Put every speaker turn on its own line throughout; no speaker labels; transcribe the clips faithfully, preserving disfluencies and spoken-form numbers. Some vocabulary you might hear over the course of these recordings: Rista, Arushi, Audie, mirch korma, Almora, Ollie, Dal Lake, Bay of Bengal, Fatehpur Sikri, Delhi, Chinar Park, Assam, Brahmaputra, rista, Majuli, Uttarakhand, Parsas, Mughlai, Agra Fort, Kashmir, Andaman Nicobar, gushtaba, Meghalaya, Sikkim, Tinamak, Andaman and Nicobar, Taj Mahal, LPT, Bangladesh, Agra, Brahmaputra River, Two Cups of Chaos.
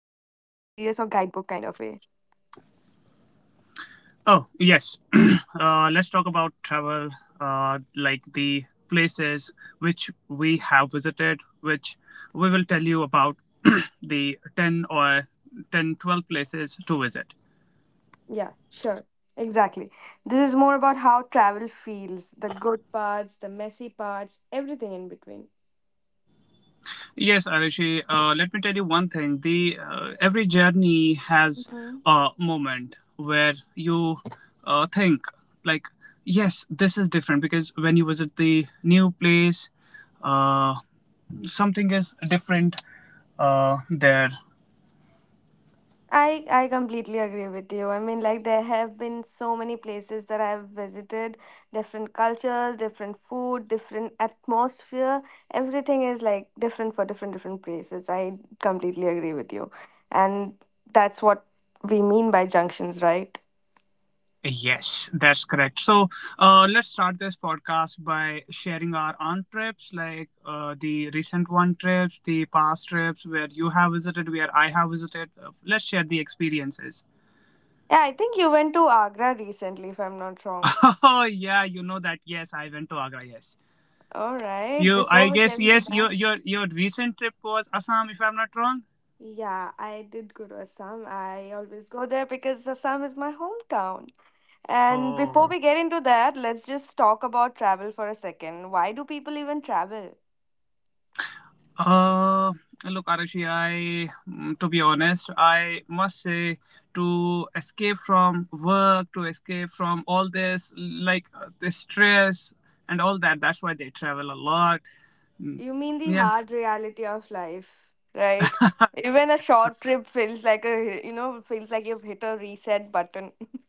serious or guidebook kind of way.
Oh, yes. Uh, let's talk about travel, uh, like the places which we have visited, which we will tell you about the ten or ten, twelve places to visit.
Yeah, sure. Exactly. This is more about how travel feels, the good Parts, the messy parts, everything in between.
Yes, Arushi. Uh, let me tell you one thing. The uh, Every journey has
Mm-hmm.
a moment where you uh, think, like, yes, this is different, because when you visit the new place, uh, something is different uh, there.
I I completely agree with you. I mean, like there have been so many places that I've visited, different cultures, different food, different atmosphere. Everything is like different for different different places. I completely agree with you. And that's what we mean by junctions, right?
Yes, that's correct. So uh, let's start this podcast by sharing our on trips, like uh, the recent one trips, the past trips where you have visited, where I have visited. Uh, let's share the experiences.
Yeah, I think you went to Agra recently, if I'm not wrong.
Oh, yeah, you know that. Yes, I went to Agra. Yes,
All right.
you, I
Before we
guess.
get into
Yes,
that,
Your your your recent trip was Assam, if I'm not wrong.
yeah, I did go to Assam. I always go there because Assam is my hometown. And before
Oh.
we get into that, let's just talk about travel for a second. Why do people even travel?
Uh, Look, Arashi, I, mm, to be honest, I must say, to escape from work, to escape from all this, like uh, the stress and all that. That's why they travel a lot. Mm,
You mean the
yeah.
hard reality of life, right? Even a short trip feels like a, you know, feels like you've hit a reset button.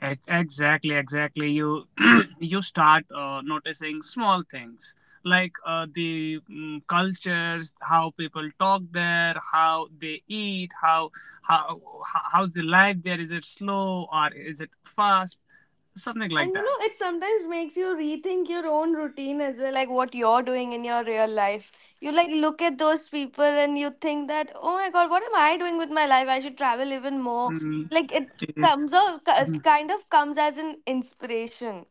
Ex- Exactly, exactly. You you start uh, noticing small things, like uh, the mm, cultures, how people talk there, how they eat, how how how- how's the life there? Is it slow or is it fast? Something like
And you
that.
know, it sometimes makes you rethink your own routine as well, like what you're doing in your real life. You like look at those people and you think that, oh my god, what am I doing with my life? I should travel even more.
Mm.
Like it comes out, kind of comes as an inspiration.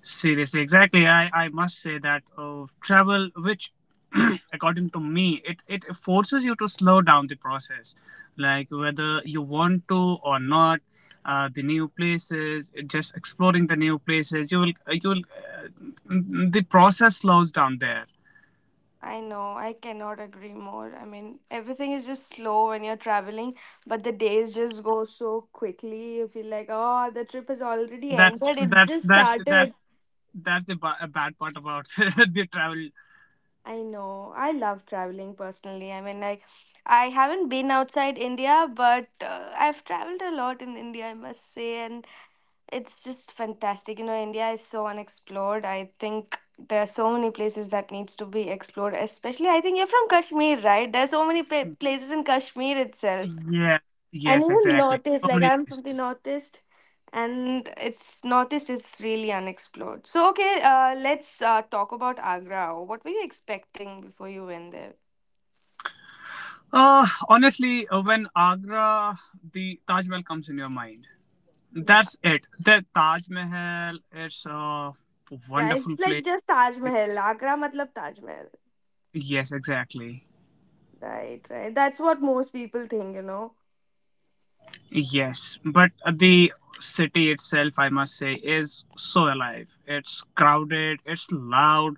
Seriously, exactly. I, I must say that uh, travel, which according to me, it, it forces you to slow down the process. Like whether you want to or not, uh, the new places, just exploring the new places, you will, uh, you will, uh, the process slows down there.
I know, I cannot agree more. I mean, everything is just slow when you're traveling, but the days just go so quickly. You feel like, oh, the trip has already
That's,
ended, it's
that's,
just
that's, that's,
started.
that's the ba- bad part about the travel.
I know, I love traveling personally. I mean, like, I haven't been outside India, but uh, I've traveled a lot in India, I must say, and it's just fantastic. You know, India is so unexplored. I think there are so many places that needs to be explored. Especially, I think you're from Kashmir, right? There's so many pa- places in Kashmir itself,
Yeah.
and
Yes,
even
exactly.
northeast.
So
Like
many
I'm from the
places.
northeast, and it's northeast is really unexplored. So okay, uh, let's uh, talk about Agra. What were you expecting before you went there?
Uh, honestly, uh, when Agra, the Taj Mahal comes in your mind.
Yeah,
That's it. The Taj Mahal is a
yeah,
wonderful
it's like
place.
just Taj Mahal. Agra, matlab Taj Mahal.
Yes, exactly.
Right, right. That's what most people think, you know.
Yes, but the city itself, I must say, is so alive. It's crowded. It's loud.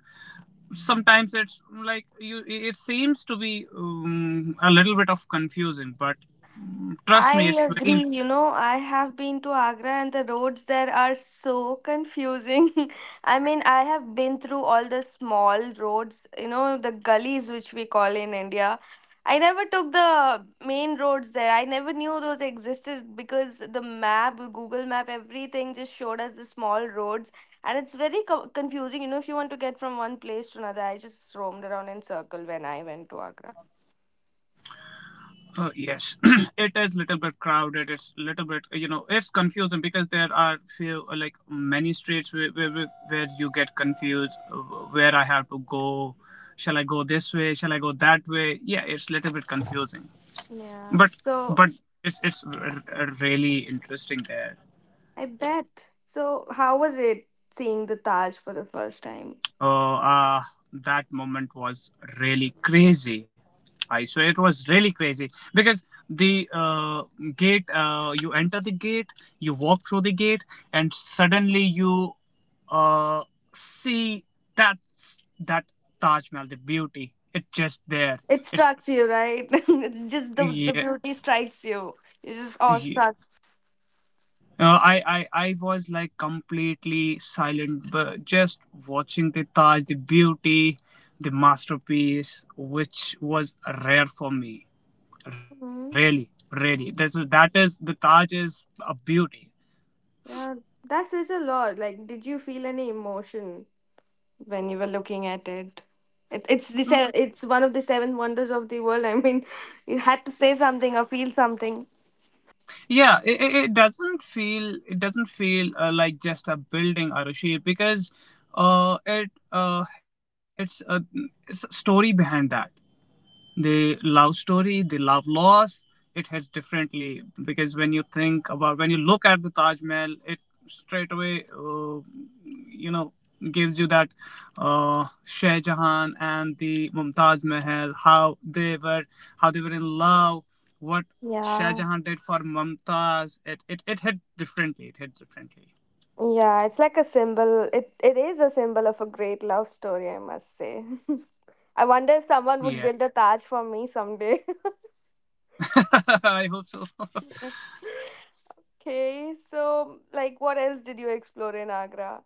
Sometimes it's like you. It seems to be um, a little bit of confusing, but mm, trust
I
me, it's
agree.
very
You know, I have been to Agra and the roads there are so confusing. I mean, I have been through all the small roads, you know, the gullies which we call in India. I never took the main roads there. I never knew those existed because the map, Google Map, everything just showed us the small roads. And it's very co- confusing, you know, if you want to get from one place to another. I just roamed around in circle when I went to Agra.
Oh, yes, it is little bit crowded. It's little bit, you know, it's confusing, because there are few, uh, like many streets where where, where you get confused. uh, Where I have to go? Shall I go this way? Shall I go that way? Yeah, it's little bit confusing,
Yeah.
but
So,
but it's it's r- r- really interesting there.
I bet. So, how was it seeing the Taj for the first time?
Oh, ah, that moment was really crazy. I swear it was really crazy, because the uh, gate, uh, you enter the gate, you walk through the gate, and suddenly you uh, see that that Taj Mahal, the beauty. It's just there.
It
It's
strikes you, right? It's just the, the
Yeah,
beauty strikes you. You're just
yeah.
awestruck.
Uh, I, I I was like completely silent, but just watching the Taj, the beauty, the masterpiece, which was rare for me. Really,
Hmm.
really. That's that is, the Taj is a beauty.
Yeah, that says a lot. Like, did you feel any emotion when you were looking at it? It it's the se- it's one of the seven wonders of the world. I mean, you had to say something or feel something.
Yeah, it, it it doesn't feel, it doesn't feel uh, like just a building or a shape, because uh it uh it's a, it's a story behind that, the love story, the love loss, it hits differently, because when you think about, when you look at the Taj Mahal, it straight away, uh, you know, gives you that, uh, Shah Jahan and the Mumtaz Mahal, how they were, how they were in love, what Shah
Yeah,
Jahan did for Mumtaz. It, it, it hit differently. It hit differently.
yeah. It's like a symbol. It it is a symbol of a great love story, I must say. I wonder if someone would
Yeah,
build a Taj for me someday.
I hope so.
Okay, so like, what else did you explore in Agra?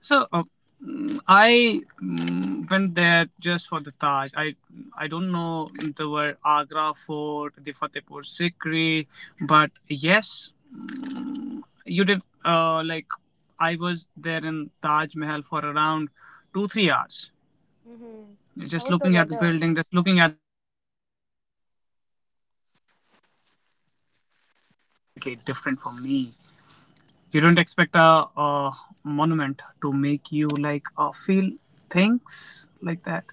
So uh, mm, I mm, went there just for the Taj. I I don't know, there were Agra Fort, the Fatehpur Sikri, but yes, mm, you did. Uh, like I was there in Taj Mahal for around two three hours,
Hmm. How
just
was the
looking at the
weather?
building, just looking at different from me. You don't expect a, a monument to make you, like, uh, feel things like that.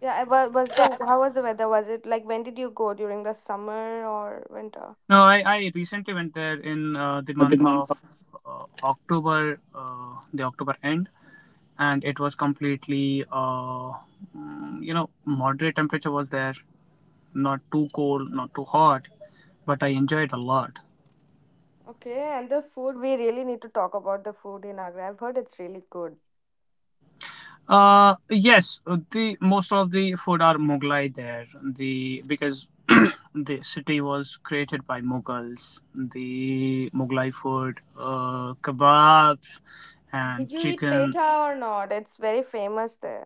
Yeah, I wa- was the how was the weather? Was it like when did you go during the summer or winter?
No, I, I recently went there in uh, the month
Nothing on top.
of uh, October, uh, the October end, and it was completely, uh, mm, you know, moderate temperature was there, not too cold, not too hot, but I enjoyed a lot.
Okay, and the food, we really need to talk about the food in Agra. I've heard it's really good.
Uh, yes, the most of the food are Mughlai there. The Because the city was created by Mughals. The Mughlai food, uh, kebabs
Did
and
you eat
chicken.
petha or not? It's very famous there.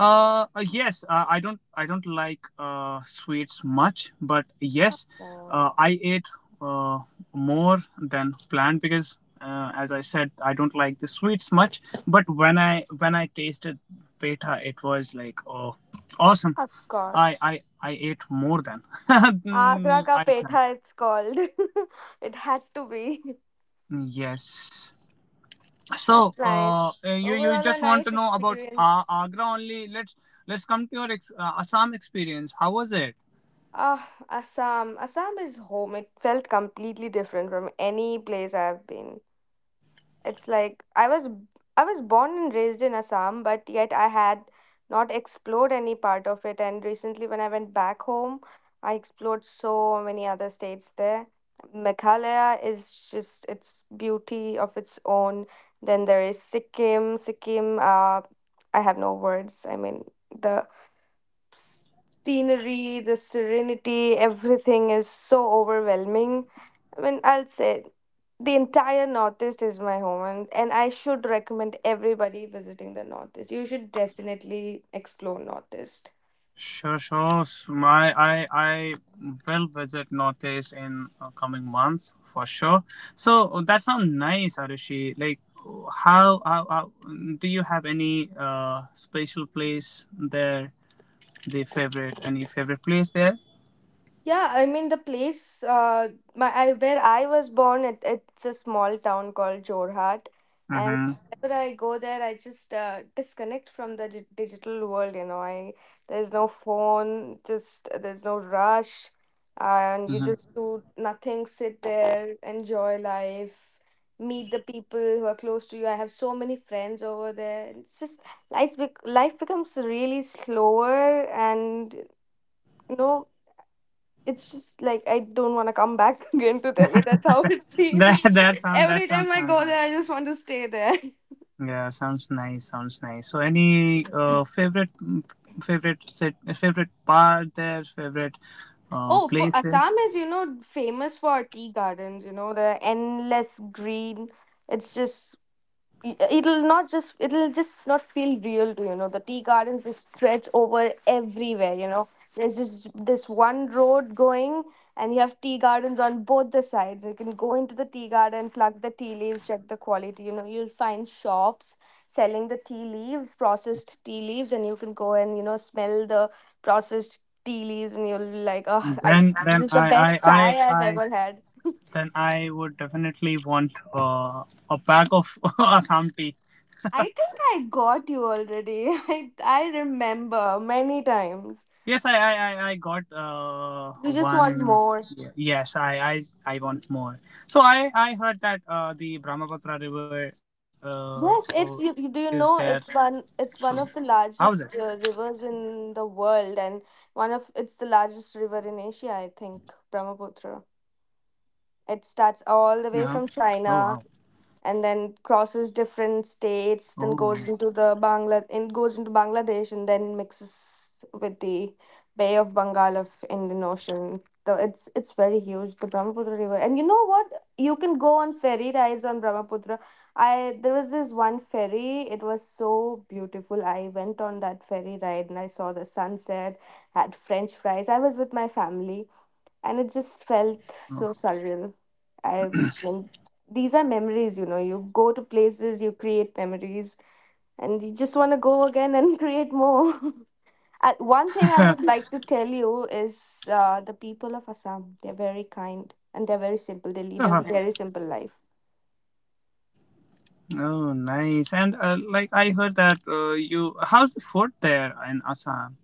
uh, uh, Yes, uh, I don't I don't like uh, sweets much, but yes,
Oh,
uh, I ate uh, more than planned, because uh, as I said, I don't like the sweets much, but when I when I tasted beta, it was like, oh, awesome.
of
I
course,
I I ate more than
Agra
mm,
ka
I planned.
petha. It's called. It had to be.
Yes. So,
That's nice.
uh, you you
Overall, a
just want to
nice
know about uh,
experience.
Agra only. Let's let's come to your ex- uh, Assam experience. How was it?
Ah, Assam. Assam is home. It felt completely different from any place I've been. It's like I was I was born and raised in Assam, but yet I had not explored any part of it. And recently, when I went back home, I explored so many other states there. Meghalaya is just its beauty of its own. Then there is Sikkim. Sikkim. Uh, I have no words. I mean, the s- scenery, the serenity, everything is so overwhelming. I mean, I'll say the entire Northeast is my home, and, and I should recommend everybody visiting the Northeast. You should definitely explore Northeast.
Sure, sure. So My, I, I will visit Northeast in uh, coming months for sure. So uh, that sounds nice, Arushi. Like, how, how, how do you have any uh special place there? The favorite, any favorite place there?
Yeah, I mean the place uh, my I, where I was born. It, it's a small town called Jorhat, and
Mm-hmm.
whenever I go there, I just uh, disconnect from the di- digital world. You know, I there's no phone, just there's no rush, and you
Mm-hmm.
just do nothing. Sit there, enjoy life, meet the people who are close to you. I have so many friends over there. It's just life bec- life becomes really slower and no, it's just like I don't want to come back again to Delhi. That's how it
that
feels.
that sound that
Every time
sounds
I
sounds
go
nice.
there, I just want to stay there.
Yeah, sounds nice, sounds nice. So any uh favorite, mm, favorite set favorite part there, favorite uh
Oh, for
place there?
Assam is you know famous for tea gardens. You know the endless green. It's just y- it'll not just it'll just not feel real to you know the tea gardens they stretch over everywhere, you know, there's just this one road going and you have tea gardens on both the sides. You can go into the tea garden, pluck the tea leaves, check the quality, you know, you'll find shops selling the tea leaves, processed tea leaves, and you can go and you know smell the processed tea leaves and you'll be like oh I,
Then,
this
then
is the
I, I,
best
I,
chai I've
I,
ever had.
then I would definitely want uh, a pack of Assam tea.
I think I got you already. I I remember many times.
Yes, I, I, I, I got uh,
You just want
one.
more.
Ye- Yes, I, I, I want more. So I, I heard that uh, the Brahmaputra River uh, oh,
Yes,
is
it's you,
there.
you. Do you know it's
So
one? It's
how
one
is
of
it?
the largest uh, rivers in the world, and one of it's the largest river in Asia. I think Brahmaputra.
Uh-huh.
It
Oh,
starts
wow.
all the way from China and then crosses
Oh.
different states, then goes into the bangla and goes into bangladesh and then mixes with the bay of bengal of indian ocean. So it's it's very huge, the brahmaputra river. And you know what, you can go on ferry rides on brahmaputra. I there was this one ferry, it was so beautiful. I went on that ferry ride and I saw the sunset, had french fries, I was with my family, and it just felt
Oh.
so surreal. I mean, these are memories, you know. You go to places, you create memories, and you just want to go again and create more. Uh, One thing I would like to tell you is uh, the people of Assam, they're very kind and they're very simple. They lead a
Uh-huh.
very simple life.
Oh, nice. And uh, like I heard that uh, you, how's the food there in Assam?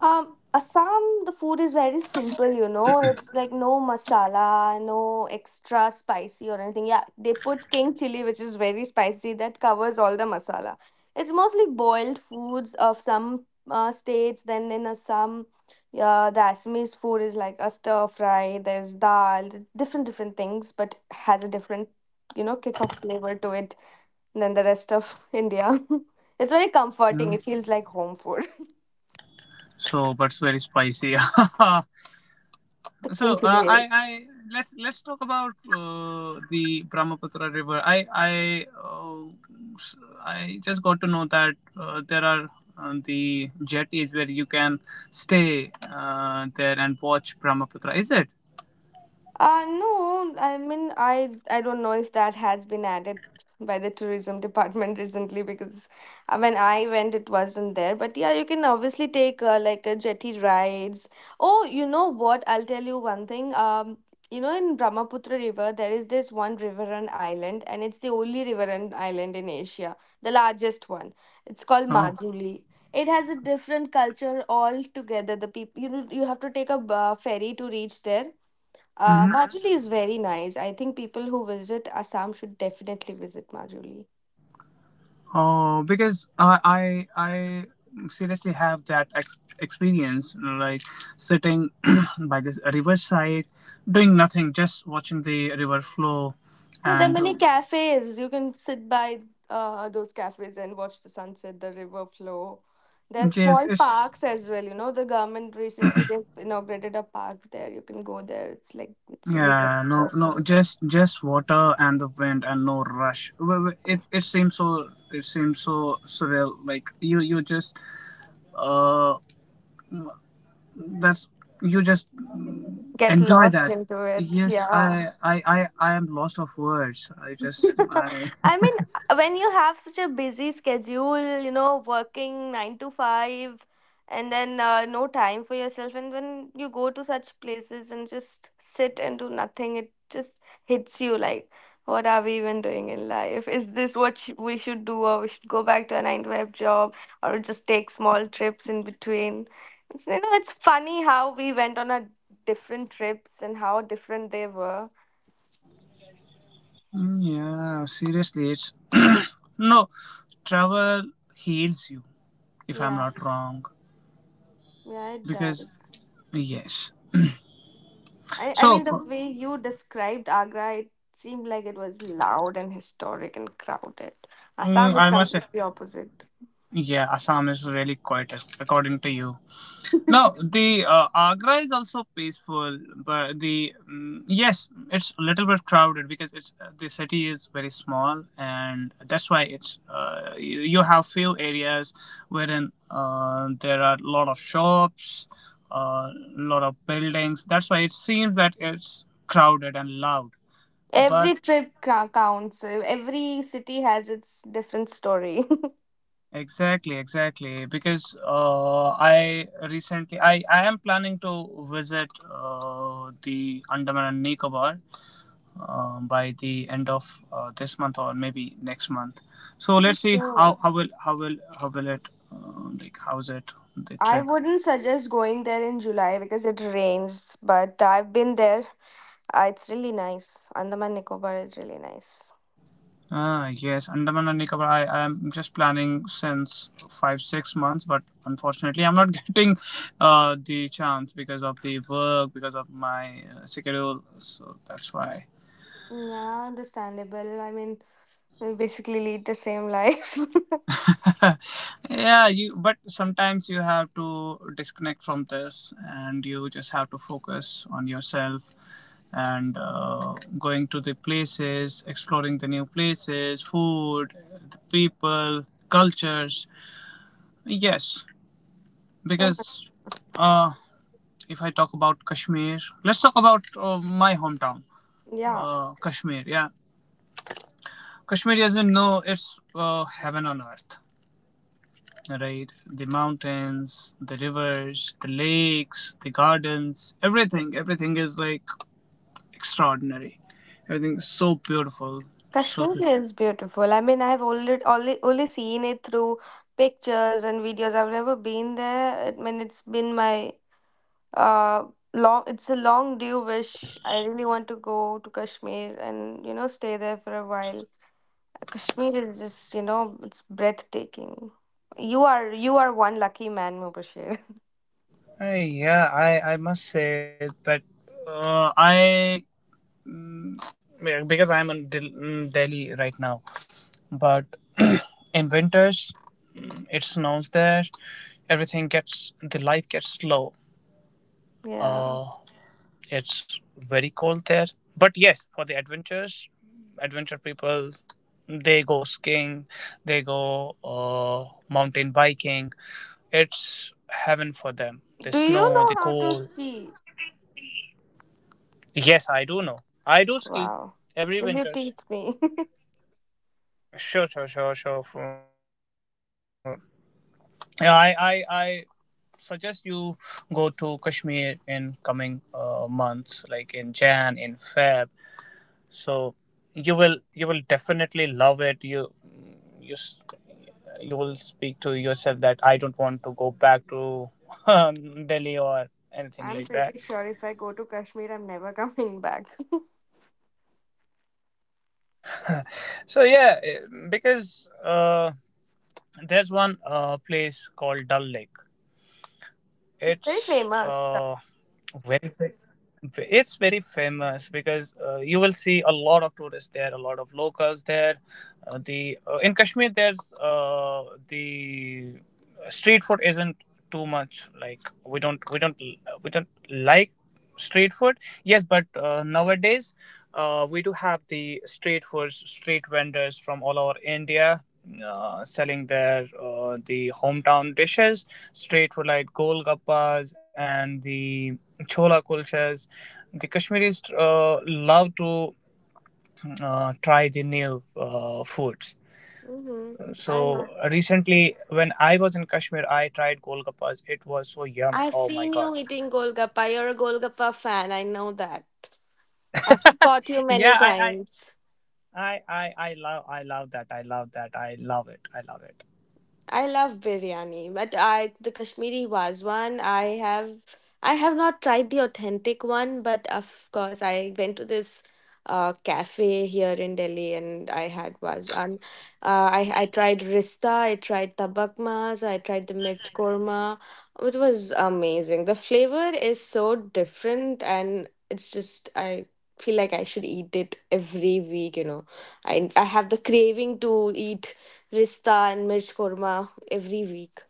Um, Assam, the food is very simple, you know. It's like no masala, no extra spicy or anything. Yeah, they put king chili, which is very spicy, that covers all the masala. It's mostly boiled foods of some uh, states. Then in Assam, yeah, the Assamese food is like a stir fry. There's dal, different different things, but has a different, you know, kick of flavor to it than the rest of India. It's very comforting. It
Hmm?
feels like home food.
So, but very spicy.
The
So,
king
uh,
chili
I,
is.
I let let's talk about uh, the Brahmaputra River. I, I, uh, s- I just got to know that uh, there are uh, the jetties where you can stay uh, there and watch Brahmaputra. Is it?
Uh, no, I mean, I I don't know if that has been added by the tourism department recently because uh, when I went, it wasn't there. But yeah, you can obviously take uh, like a jetty rides. Oh, you know what? I'll tell you one thing. Um, you know, in Brahmaputra River, there is this one river and island, and it's the only river and island in Asia, the largest one. It's called
Oh.
Majuli. It has a different culture altogether. The people, you know, you have to take a uh, ferry to reach there. uh, Majuli is very nice. I think people who visit Assam should definitely visit Majuli.
Oh, because I I, I seriously have that ex- experience, you know, like sitting by this riverside, doing nothing, just watching the river flow,
Yeah, there are
and uh,
many cafes. You can sit by uh, those cafes and watch the sunset, the river flow. There are
yes,
small
it's
parks as well. You know, the government recently they've inaugurated a park there. You can go there. It's like it's really good.
yeah, no, no, just just water and the wind and no rush. W- w- It it seems so it seems so surreal. Like you you just uh that's you just
Get
enjoy
lost
that.
into it.
Yes,
Yeah.
I I I I am lost of words. I just I.
I mean, uh, when you have such a busy schedule, you know, working nine to five, and then uh, no time for yourself, and when you go to such places and just sit and do nothing, it just hits you like, what are we even doing in life? Is this what sh- we should do, or we should go back to a nine to five job, or just take small trips in between? It's, you know, it's funny how we went on our different trips and how different they were.
Mm, Yeah, seriously, it's no, travel heals you, if I'm
Yeah,
not wrong.
yeah, it
Because
does.
yes,
I, I
so
mean, the way you described Agra, it seemed like it was loud and historic and crowded.
mm,
Assam is
I must say,
completely opposite.
yeah, Assam is really quiet, according to you. No, the uh, Agra is also peaceful, but the mm, yes, it's a little bit crowded, because it's uh, the city is very small, and that's why it's uh, you, you have few areas wherein uh, there are a lot of shops, a uh, lot of buildings. That's why it seems that it's crowded and loud. But
Every trip ca- counts. uh, Every city has its different story.
exactly, exactly, because uh, I recently I I am planning to visit uh, the Andaman and Nicobar um, by the end of uh, this month or maybe next month. So let's see how
Sure.
how will how will how will it uh, like, how's it, the
I
trip.
wouldn't suggest going there in July because it rains, but I've been there. Uh, it's really nice. Andaman Nicobar is really nice.
Ah, yes, Andaman and Nicobar. I I am just planning since five six months, but unfortunately, I'm not getting uh, the chance because of the work, because of my uh, schedule. So that's why.
Yeah, understandable. I mean, we basically lead the same life.
Yeah, you, but sometimes you have to disconnect from this, and you just have to focus on yourself, and uh, going to the places, exploring the new places, food, the people, cultures, yes,
So,
because uh, if I talk about Kashmir, let's talk about uh, my hometown,
yeah.
uh, Kashmir. Yeah, Kashmir, as you know, it's uh, heaven on earth, right? The mountains, the rivers, the lakes, the gardens, everything, everything is like extraordinary. Everything is so beautiful. So
Kashmir
this-
is beautiful. I mean, I've only, only only seen it through pictures and videos. I've never been there. I mean, it's been my uh long. It's a long due wish. I really want to go to Kashmir and, you know, stay there for a while. Kashmir is just, you know, it's breathtaking. You are you are one lucky man, Mubashir.
Uh, yeah, I I must say that uh, I yeah, because I'm in Del- in Delhi right now, but in winters it snows there. Everything gets the life gets slow.
Yeah.
It's very cold there. But yes, for the adventures, adventure people, they go skiing, they go uh, mountain biking. It's heaven for them. The
Do you
snow,
know
the
how to
cold.
ski?
Yes, I do know. I do ski
Wow.
every
Will you
winters.
teach me?
Sure, sure, sure, sure. For, yeah, I, I, I suggest you go to Kashmir in coming uh, months, like in Jan, in Feb. So you will you will definitely love it. You you s- you will speak to yourself that I don't want to go back to Delhi
I'm
or
pretty sure if
anything
I
like
go to
that.
Kashmir, I'm never coming back.
So yeah, eh, because there's one uh, place called Dal Lake. It's
It's very
uh,
famous stuff.
very big. It's very famous, because uh, you will see a lot of tourists there, a lot of locals there. Uh, the uh, In Kashmir, there's uh, the street food isn't too much, like we don't we don't we don't like street food. Yes, but uh, nowadays uh, we do have the street food, street vendors from all over India uh, selling their uh, the hometown dishes, street food like golgappas and the chola kulchas. The Kashmiris uh, love to uh, try the new uh, foods.
Mm-hmm. I know.
So recently, when I was in Kashmir, I tried golgappas. It was so yum!
I've
Oh my
seen
god!
you eating golgappa. You're a golgappa fan. I know that. I've caught you many
Yeah, I I.
times.
I, I, I love I love that, I love that I love it, I love it
I love biryani, but I the Kashmiri one I have I have not tried the authentic one, but of course I went to this uh, cafe here in Delhi and I had Vazwan. Uh, I I tried rista, I tried tabak mas, I tried the mirch korma. It was amazing. The flavor is so different, and it's just I feel like I should eat it every week. You know, I I have the craving to eat rista and mirch korma every week.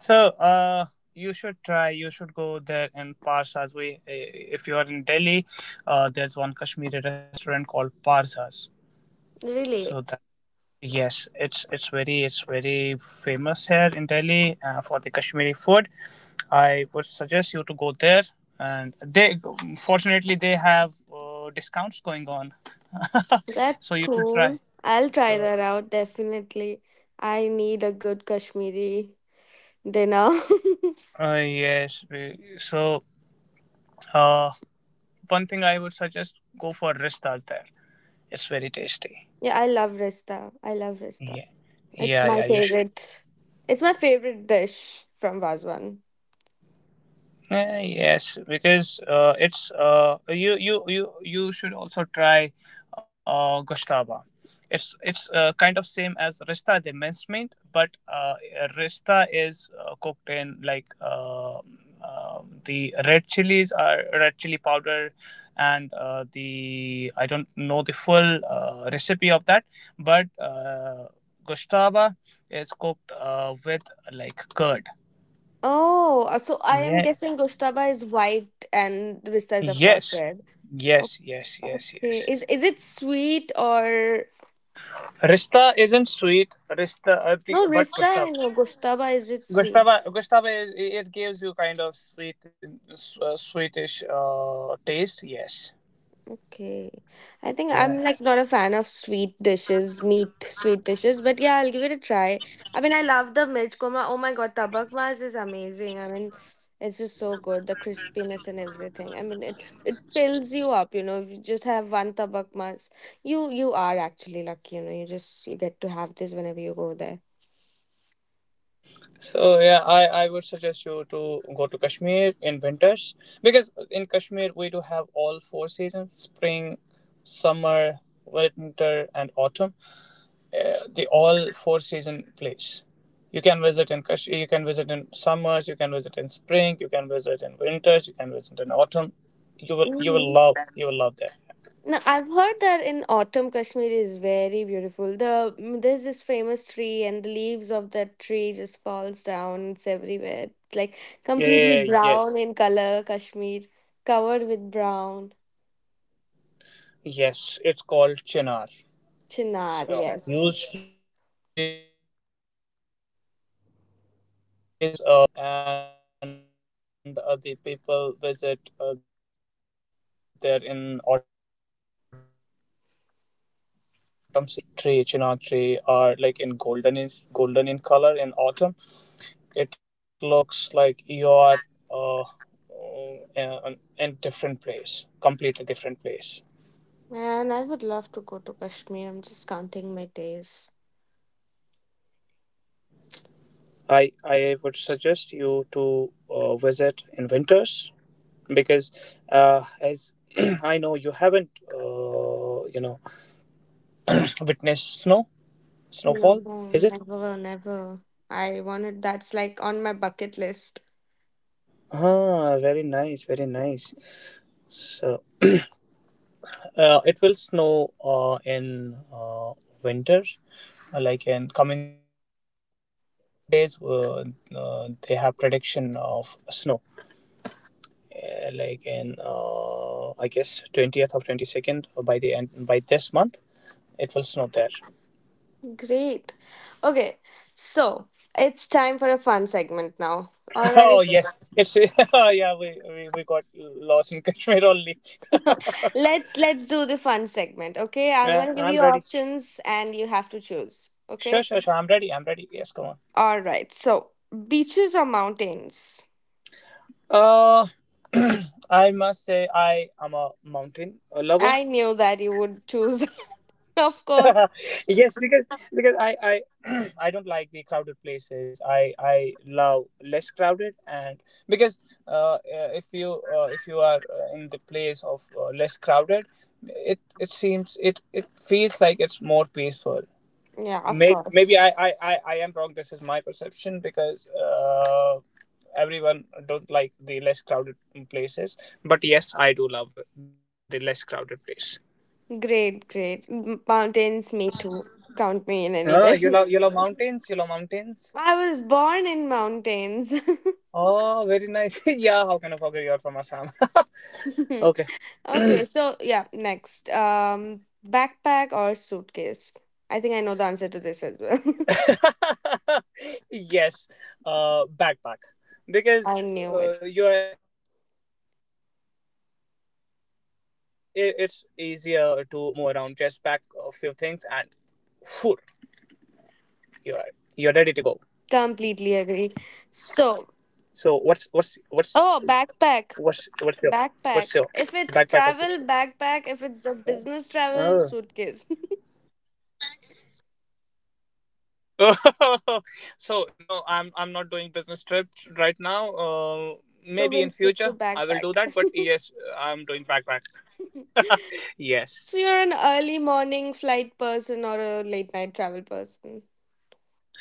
So, uh, you should try. You should go there in Parsas. We, eh, if you are in Delhi, uh, there's one Kashmiri restaurant called Parsas. So
Really?
that Yes, it's it's very it's very famous here in Delhi uh, for the Kashmiri food. I would suggest you to go there. And they, fortunately, they have uh, discounts going on,
That's
so you should
cool.
try.
I'll try
So
that out definitely. I need a good Kashmiri dinner.
uh, yes, we, so uh, one thing I would suggest: go for Ristas there. It's very tasty.
Yeah, I love rista. I love rista.
Yeah.
It's
Yeah,
my
yeah. You
favorite. It's my favorite dish from Vazwan.
Uh, yes, because uh, it's, uh, you you you you should also try uh, Gustava. It's it's uh, kind of same as Rista, the minced meat, but uh, Rista is uh, cooked in like uh, uh, the red chilies are red chili powder, and uh, the I don't know the full uh, recipe of that, but uh, Gustava is cooked uh, with like curd.
Oh, uh, so I am
Yeah.
guessing gushtaba is white and rista is of course
Yes,
red. O-
yes, yes, yes,
Okay,
yes.
is is it sweet or
Rista isn't sweet. Rista, uh,
no
the, but
rista? I
Gustava.
know gushtaba. Is it sweet?
Gustava, Gustava, is, it gives you kind of sweet, s- uh, sweetish uh, taste. Yes.
Okay. I think
Yeah.
I'm, like, not a fan of sweet dishes, meat sweet dishes, but yeah, I'll give it a try. I mean, I love the mirch korma. Oh my God, tabak mas is amazing. I mean, it's just so good, the crispiness and everything. I mean, it it fills you up, you know. If you just have one tabak mas, you you are actually lucky, you know. You just you get to have this whenever you go
So yeah, I I would suggest you to go to Kashmir in winters, because in Kashmir we do have all four seasons: spring, winter, and autumn. Uh, the all four season place. You can visit in Kashmir. You can visit in summers, you can visit in spring, you can visit in winters, you can visit in autumn. You will you will
there.
love you will love that.
Now I've heard that in autumn Kashmir is very beautiful. The mm, there's this famous tree and the leaves of that tree just falls down. It's everywhere. It's like completely
Yeah, yes,
brown in color, Kashmir, covered with brown.
yes. It's called Chinar.
Chinar,
So news
yes.
trees. Uh, we we do have the we do have one park there, Chinar Park, and uh, the people visit uh, there in autumn season because the mm, the leaves of that tree, Chinar tree, are like in golden in golden in color in autumn. It looks like you are uh, in, in different place, completely different place.
Man, I would love to go to Kashmir. I'm just counting my days.
I I would suggest you to uh, visit in winters because uh, as I know, you haven't, uh, you know, witnessed snow, snowfall,
No,
is it?
never, never. I wanted that's like on my bucket list.
Ah, very nice, very nice. So, uh, it will snow uh, in uh, winter, Uh, like in coming days. Uh, uh, they have prediction of snow, uh, like in uh, I guess twentieth or twenty second, by the end, by this month. It will snow there.
Great. Okay, so it's time for a fun segment now. All
Oh
right.
yes, it's oh yeah. We, we we got lost in Kashmir only.
Let's let's do the fun segment. Okay, I'm
Yeah,
gonna give
I'm
you
ready.
options and you have to choose. Okay.
Sure, sure, sure. I'm ready. I'm ready. Yes, come on.
All right. So, beaches or mountains?
Uh, I must say I am a mountain a lover.
I knew that you would choose that. Of course.
Yes, because, because I I I don't like the crowded places. I I love less crowded, and because uh, uh, if you uh, if you are uh, in the place uh, less crowded, it it seems it it feels like it's more peaceful.
Yeah, of
Maybe,
course.
maybe I, I, I, I am wrong. This is my perception because uh, everyone don't like the less crowded places. But yes, I do love the less crowded place.
Great, great. M- Mountains, me too. Count me in any
Ah,
day.
you love you love mountains. You love mountains.
I was born in mountains.
Oh, very nice. Yeah, how can I forget you're from Assam? Okay.
Okay, so yeah, next. Um, backpack or suitcase? I think I know the answer to this as well.
Yes, uh, backpack,
I
because
knew it.
uh, you are, it, it's easier to move around. Just pack a few things and food. You're you're ready to go. So what's what's
Completely
what's
agree. So,
what's what's your what's your
oh,
backpack outfit?
backpack, backpack. If it's
Oh.
travel, backpack. If it's a business travel, suitcase.
So no, I'm I'm not doing business trips right now. Uh, maybe in future I
So
will do
we'll
that,
stick
but
to
yes,
backpack.
I'm doing backpack. Yes.
So, you're an early morning flight person or a late night travel person?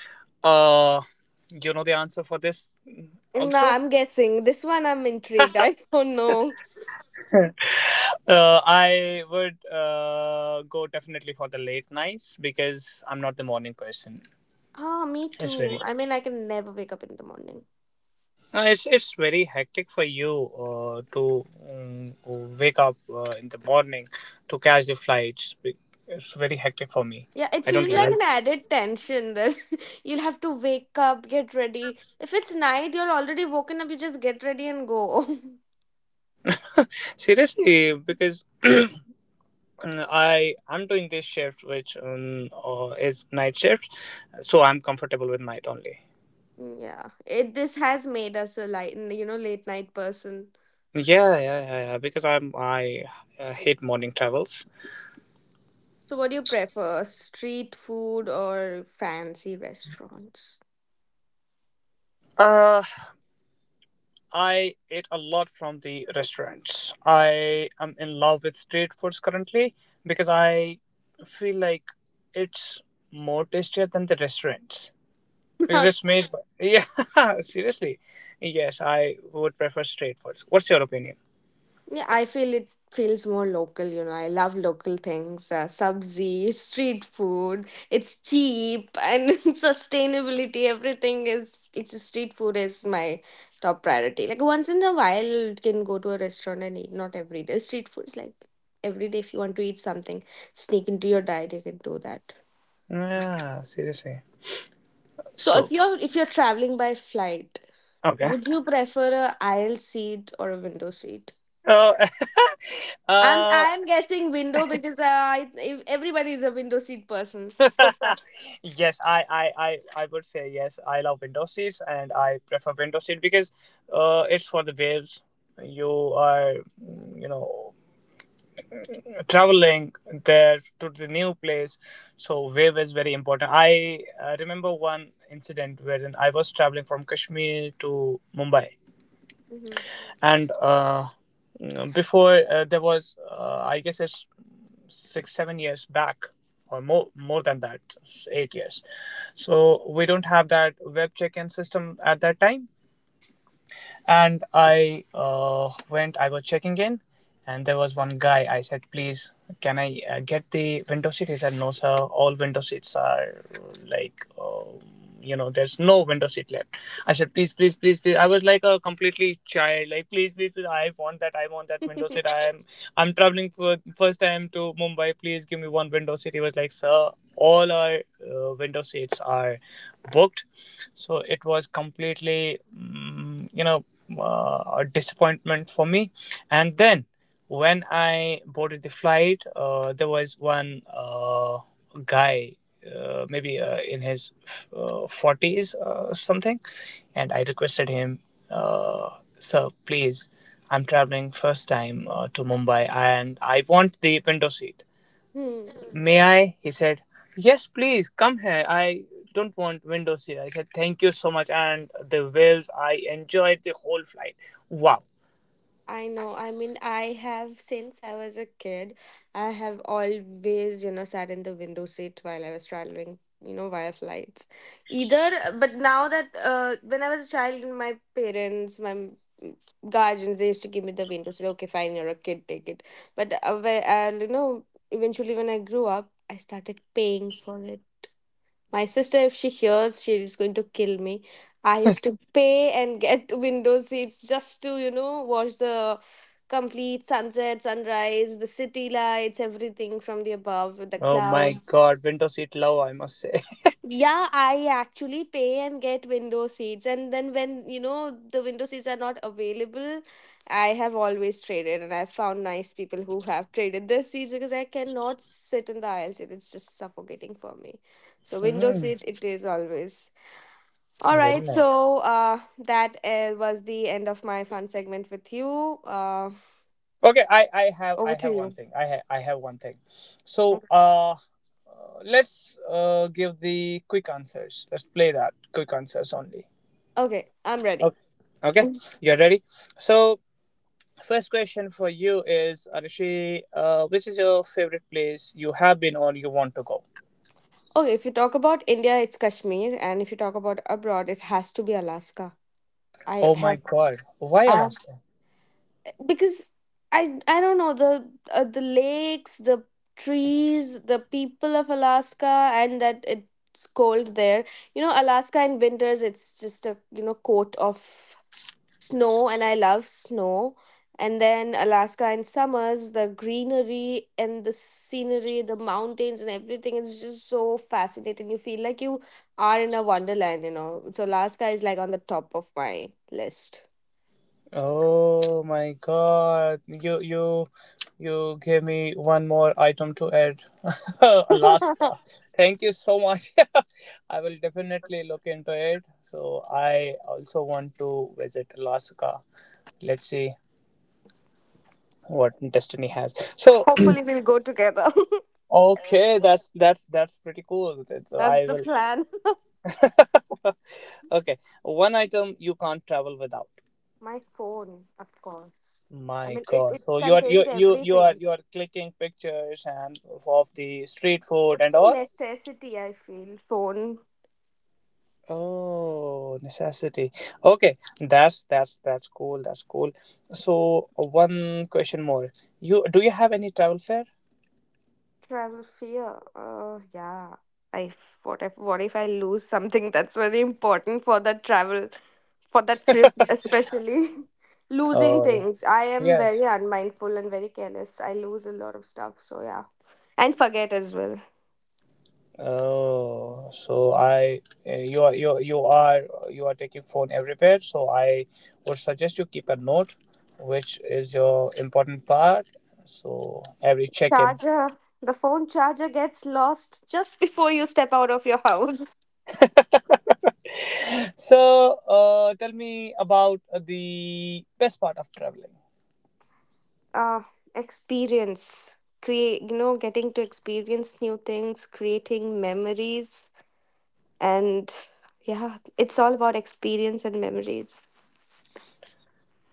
Uh, you know the answer for this
No,
also.
I'm guessing. This one I'm intrigued. I don't know.
Uh, I would uh, go definitely for the late nights, because I'm morning person.
Oh, me
It's very
too. I mean, I can never wake up in the morning.
Uh, it's it's very hectic for you uh, to um, wake up uh, in the morning to catch the flights. Be- It's very hectic for me.
Yeah, it
I don't,
feels
yeah,
like an
like,
added tension that you'll have to wake up, get ready. If it's night, you're already woken up, you just get ready and go.
seriously, because I I'm doing this shift which um, uh, is night shift, so I'm comfortable with night only.
Yeah, it this has made us a light, you know, late night person.
Yeah, yeah, yeah, yeah. Because I'm I uh, hate morning travels.
So what do you prefer, street food or fancy restaurants?
Uh, I ate a lot from the restaurants. Am in love with street foods currently, because I feel like it's more tastier than the restaurants, because
How
it's made by yeah, seriously, yes, I would prefer street foods. What's your opinion?
Yeah, I feel it feels more local, you know. I love local things, uh, sabzi, street food. It's cheap and sustainability, everything is it's street food is my top priority. Like once in a while you can go to a restaurant and eat, not every day. Street food is like every day if you want to eat something, sneak into your diet, you can do that.
Yeah, seriously.
So if
So,
you're if you're traveling by flight,
okay.
would you prefer a aisle seat or a window seat?
Oh,
I'm
uh,
I'm guessing window because uh, I if- everybody is a window seat person.
yes, I, I, I, I would say yes. I love window seats, and I prefer window seat because uh, it's for the waves. You are, mm, you know, traveling there to the new place, so wave is very important. I uh, remember one incident wherein I was traveling from Kashmir to Mumbai,
Mhm.
and uh, before, uh, there was, uh, I guess it's six seven years back, or more more than that, eight years. So we don't have that web check-in system at that time, and i uh, went I was checking in. And there was one guy. I said, "Please, can I uh, get the window seat?" He said, "No sir, all window seats are, like, um, you know, there's no window seat left." I said, "Please, please, please, please." I was like a completely child: "Like, please, please, please, I want that, I want that window seat, i am i'm traveling for first time to Mumbai, please give me one window seat." He was like, "Sir, all our uh, window seats are booked." So it was completely, mm, you know, uh, a disappointment for me. And then when I boarded the flight, uh, there was one uh, guy, uh, maybe uh, in his uh, forties uh, something, and I requested him, uh, "Sir, please, I'm traveling first time uh, to Mumbai and I want the window seat.
Hmm.
May I?" He said, "Yes, please, come here. I don't want windows here." I said, "Thank you so much." And the waves, I enjoyed the whole flight. Wow.
I know. I mean, I have since I was a kid, I have always, you know, sat in the window seat while I was traveling, you know, via flights. Either, but now that uh, when I was a child, my parents, my m- guardians, they used to give me the window seat. Okay, fine, you're a kid, take it. But uh, where, uh, you know, eventually when I grew up, I started paying for it. My sister, if she hears, she is going to kill me. I used to pay and get window seats just to, you know, watch the complete sunset, sunrise, the city lights, everything from the above, with the
Oh my
clouds.
god, window seat love, I must say.
Yeah, I actually pay and get window seats. And then when, you know, the window seats are not available, I have always traded and I've found nice people who have traded their seats because I cannot sit in the aisle seat. It's just suffocating for me. So window
Hmm.
seat it is always. All
Very
right,
nice.
so uh, that uh, was the end of my fun segment with you. Uh,
Okay, I, I have I
over
have
to
one
you.
thing. I ha- I have one thing. So
Okay,
uh, uh, let's uh, give the quick answers. Let's play that quick answers only.
Okay, I'm ready.
Okay. Okay. You're ready. So, first question for you is, Arishi, uh, which is your favorite place you have been or you want to go?
Okay, if you talk about India, it's Kashmir, and if you talk about abroad, it has to be Alaska. I
Oh my
have,
God, why
I have
Alaska?
because I I don't know the uh, the lakes, the trees, the people of Alaska, and that it's cold there. You know, Alaska in winters, it's just, a you know, coat of snow and I love snow. And then Alaska in summers, the greenery and the scenery, the mountains and everything, it's just so fascinating. You feel like you are in a wonderland, you know. So Alaska is like on the top of my list.
Oh my God, you you you gave me one more item to add, Alaska. Thank you so much. I will definitely look into it. So I also want to visit Alaska. Let's see what destiny has. So.
Hopefully, we'll go together.
Okay, that's that's that's pretty cool. That-
That's
I
the
will.
plan.
Okay, one item you can't travel without.
My phone, of course. I
My
mean, it,
god,
it
so you are you
contains
you you are
everything.
you are clicking pictures and of the street
It's
food and
just a
all.
necessity, I feel. Phone
Oh, necessity. Okay, that's that's that's cool, that's cool. So, one question more: you do you have any travel fare?
Travel fear. Oh, yeah. I f- what if what if I lose something that's very important for that travel, for that trip especially. Losing
Oh
things. I
yeah.
am
Yes.
very unmindful and very careless. I lose a lot of stuff. So yeah, and forget as well.
Oh, so I uh, you are you are- you are you are taking phone everywhere. So I would suggest you keep a note, which is your important part. So every check-in.
Charger. The phone charger gets lost just before you step out of your house.
So, uh, tell me about the best part of traveling.
Uh, Experience. Create. You know, getting to experience new things, creating memories. And yeah, it's all about experience and memories.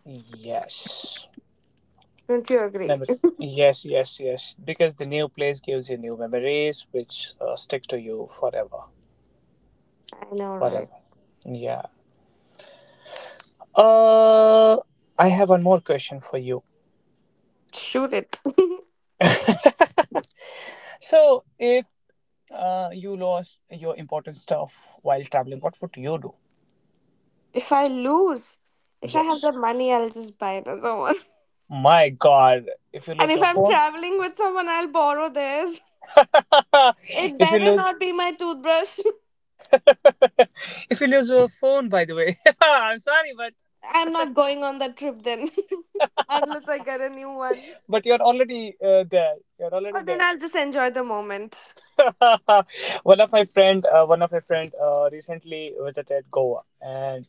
Yes.
Don't you
Mem-
agree?
yes, yes, yes. Because the new place gives you new memories, which uh, stick to you forever,
I know, right?
forever. Yeah. Uh, I have one more question for you.
Shoot it.
So, if uh, you lost your important stuff while traveling, what would you do?
If I lose, if I have
Yes.
the money, I'll just buy another one.
My God, if you
And
lose
if
your
I'm
phone,
traveling with someone, I'll borrow theirs. It
if you
better
lose,
not be my toothbrush.
if you lose your phone, by the way, I'm sorry, but
I'm not going on that trip then, unless I get a new one.
but you're already uh, there. You're already
Or then
there.
I'll just enjoy the moment.
One of my friend, uh, one of my friend, uh, recently visited Goa, and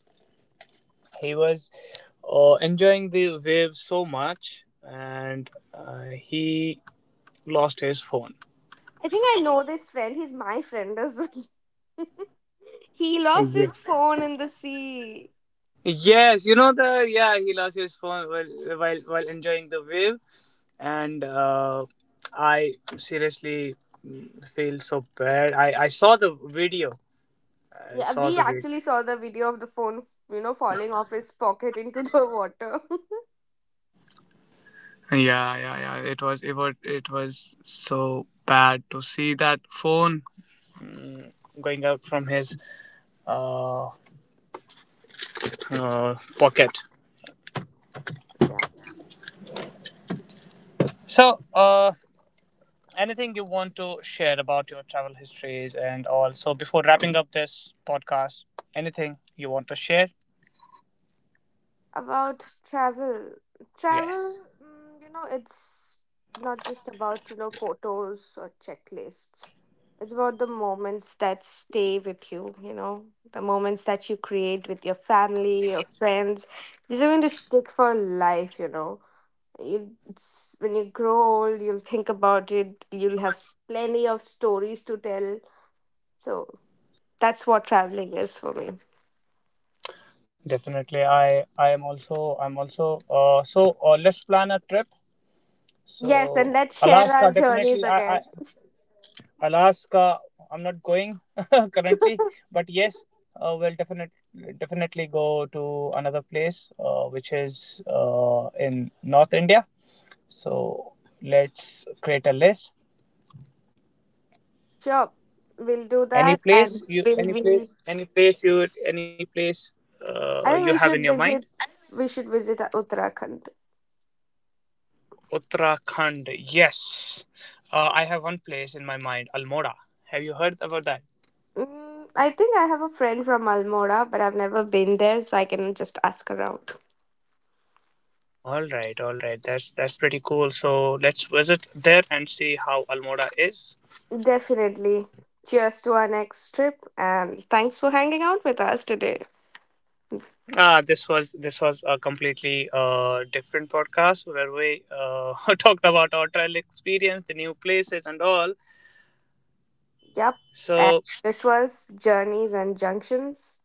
he was uh, enjoying the wave so much, and uh, he lost his phone.
I think I know this friend. He's my friend as well. He lost
Yeah.
his phone in the sea.
Yes, you know the yeah, he lost his phone while while while enjoying the wave, and uh, I seriously feel so bad. I I saw the video. I
Yeah,
saw
we
the video.
actually saw the video of the phone, you know, falling off his pocket into the water.
Yeah, yeah, yeah. It was it was it was so bad to see that phone going out from his uh, uh pocket.
Yeah.
So, uh, anything you want to share about your travel histories and all? So, before wrapping up this podcast, anything you want to share?
About travel. Travel,
Yes,
mm, you know, it's not just about, you know, photos or checklists. It's about the moments that stay with you, you know, the moments that you create with your family, your friends. These are going to stick for life, you know. You, it's, when you grow old, you'll think about it. You'll have s- plenty of stories to tell. So that's what traveling is for me.
definitely. I I am also I'm also uh so uh, let's plan a trip.
Yes,
So,
and let's share our
Alaska
journeys
definitely. I I
again.
Alaska. I'm not going currently, but yes, uh, we'll definitely definitely go to another place, uh, which is uh in North India. So let's create a list.
Sure, we'll do
Any
that,
place
and
you,
we'll
any
be.
place, any place you, any place uh, you
I think
have
we
in your
should
mind.
visit. We should visit uh, Uttarakhand.
Uttarakhand. Yes, uh, I have one place in my mind. Almora. Have you heard about that?
Mm, I think I have a friend from Almora, but I've never been there, so I can just ask around.
All right, all right. That's that's pretty cool. So let's visit there and see how Almora is.
Definitely. Cheers to our next trip, and thanks for hanging out with us today.
Ah, this was this was a completely uh, different podcast where we uh, talked about our travel experience, the new places, and all.
Yep, and
So.
this was Journeys and Junctions.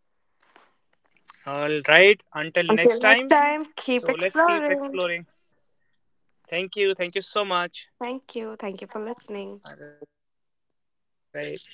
All right. Until next
Until next
time.
time, keep
So let's keep
exploring.
exploring. Thank you. Thank you so much.
Thank you. Thank you for listening.
All right. Thank you. Bye bye.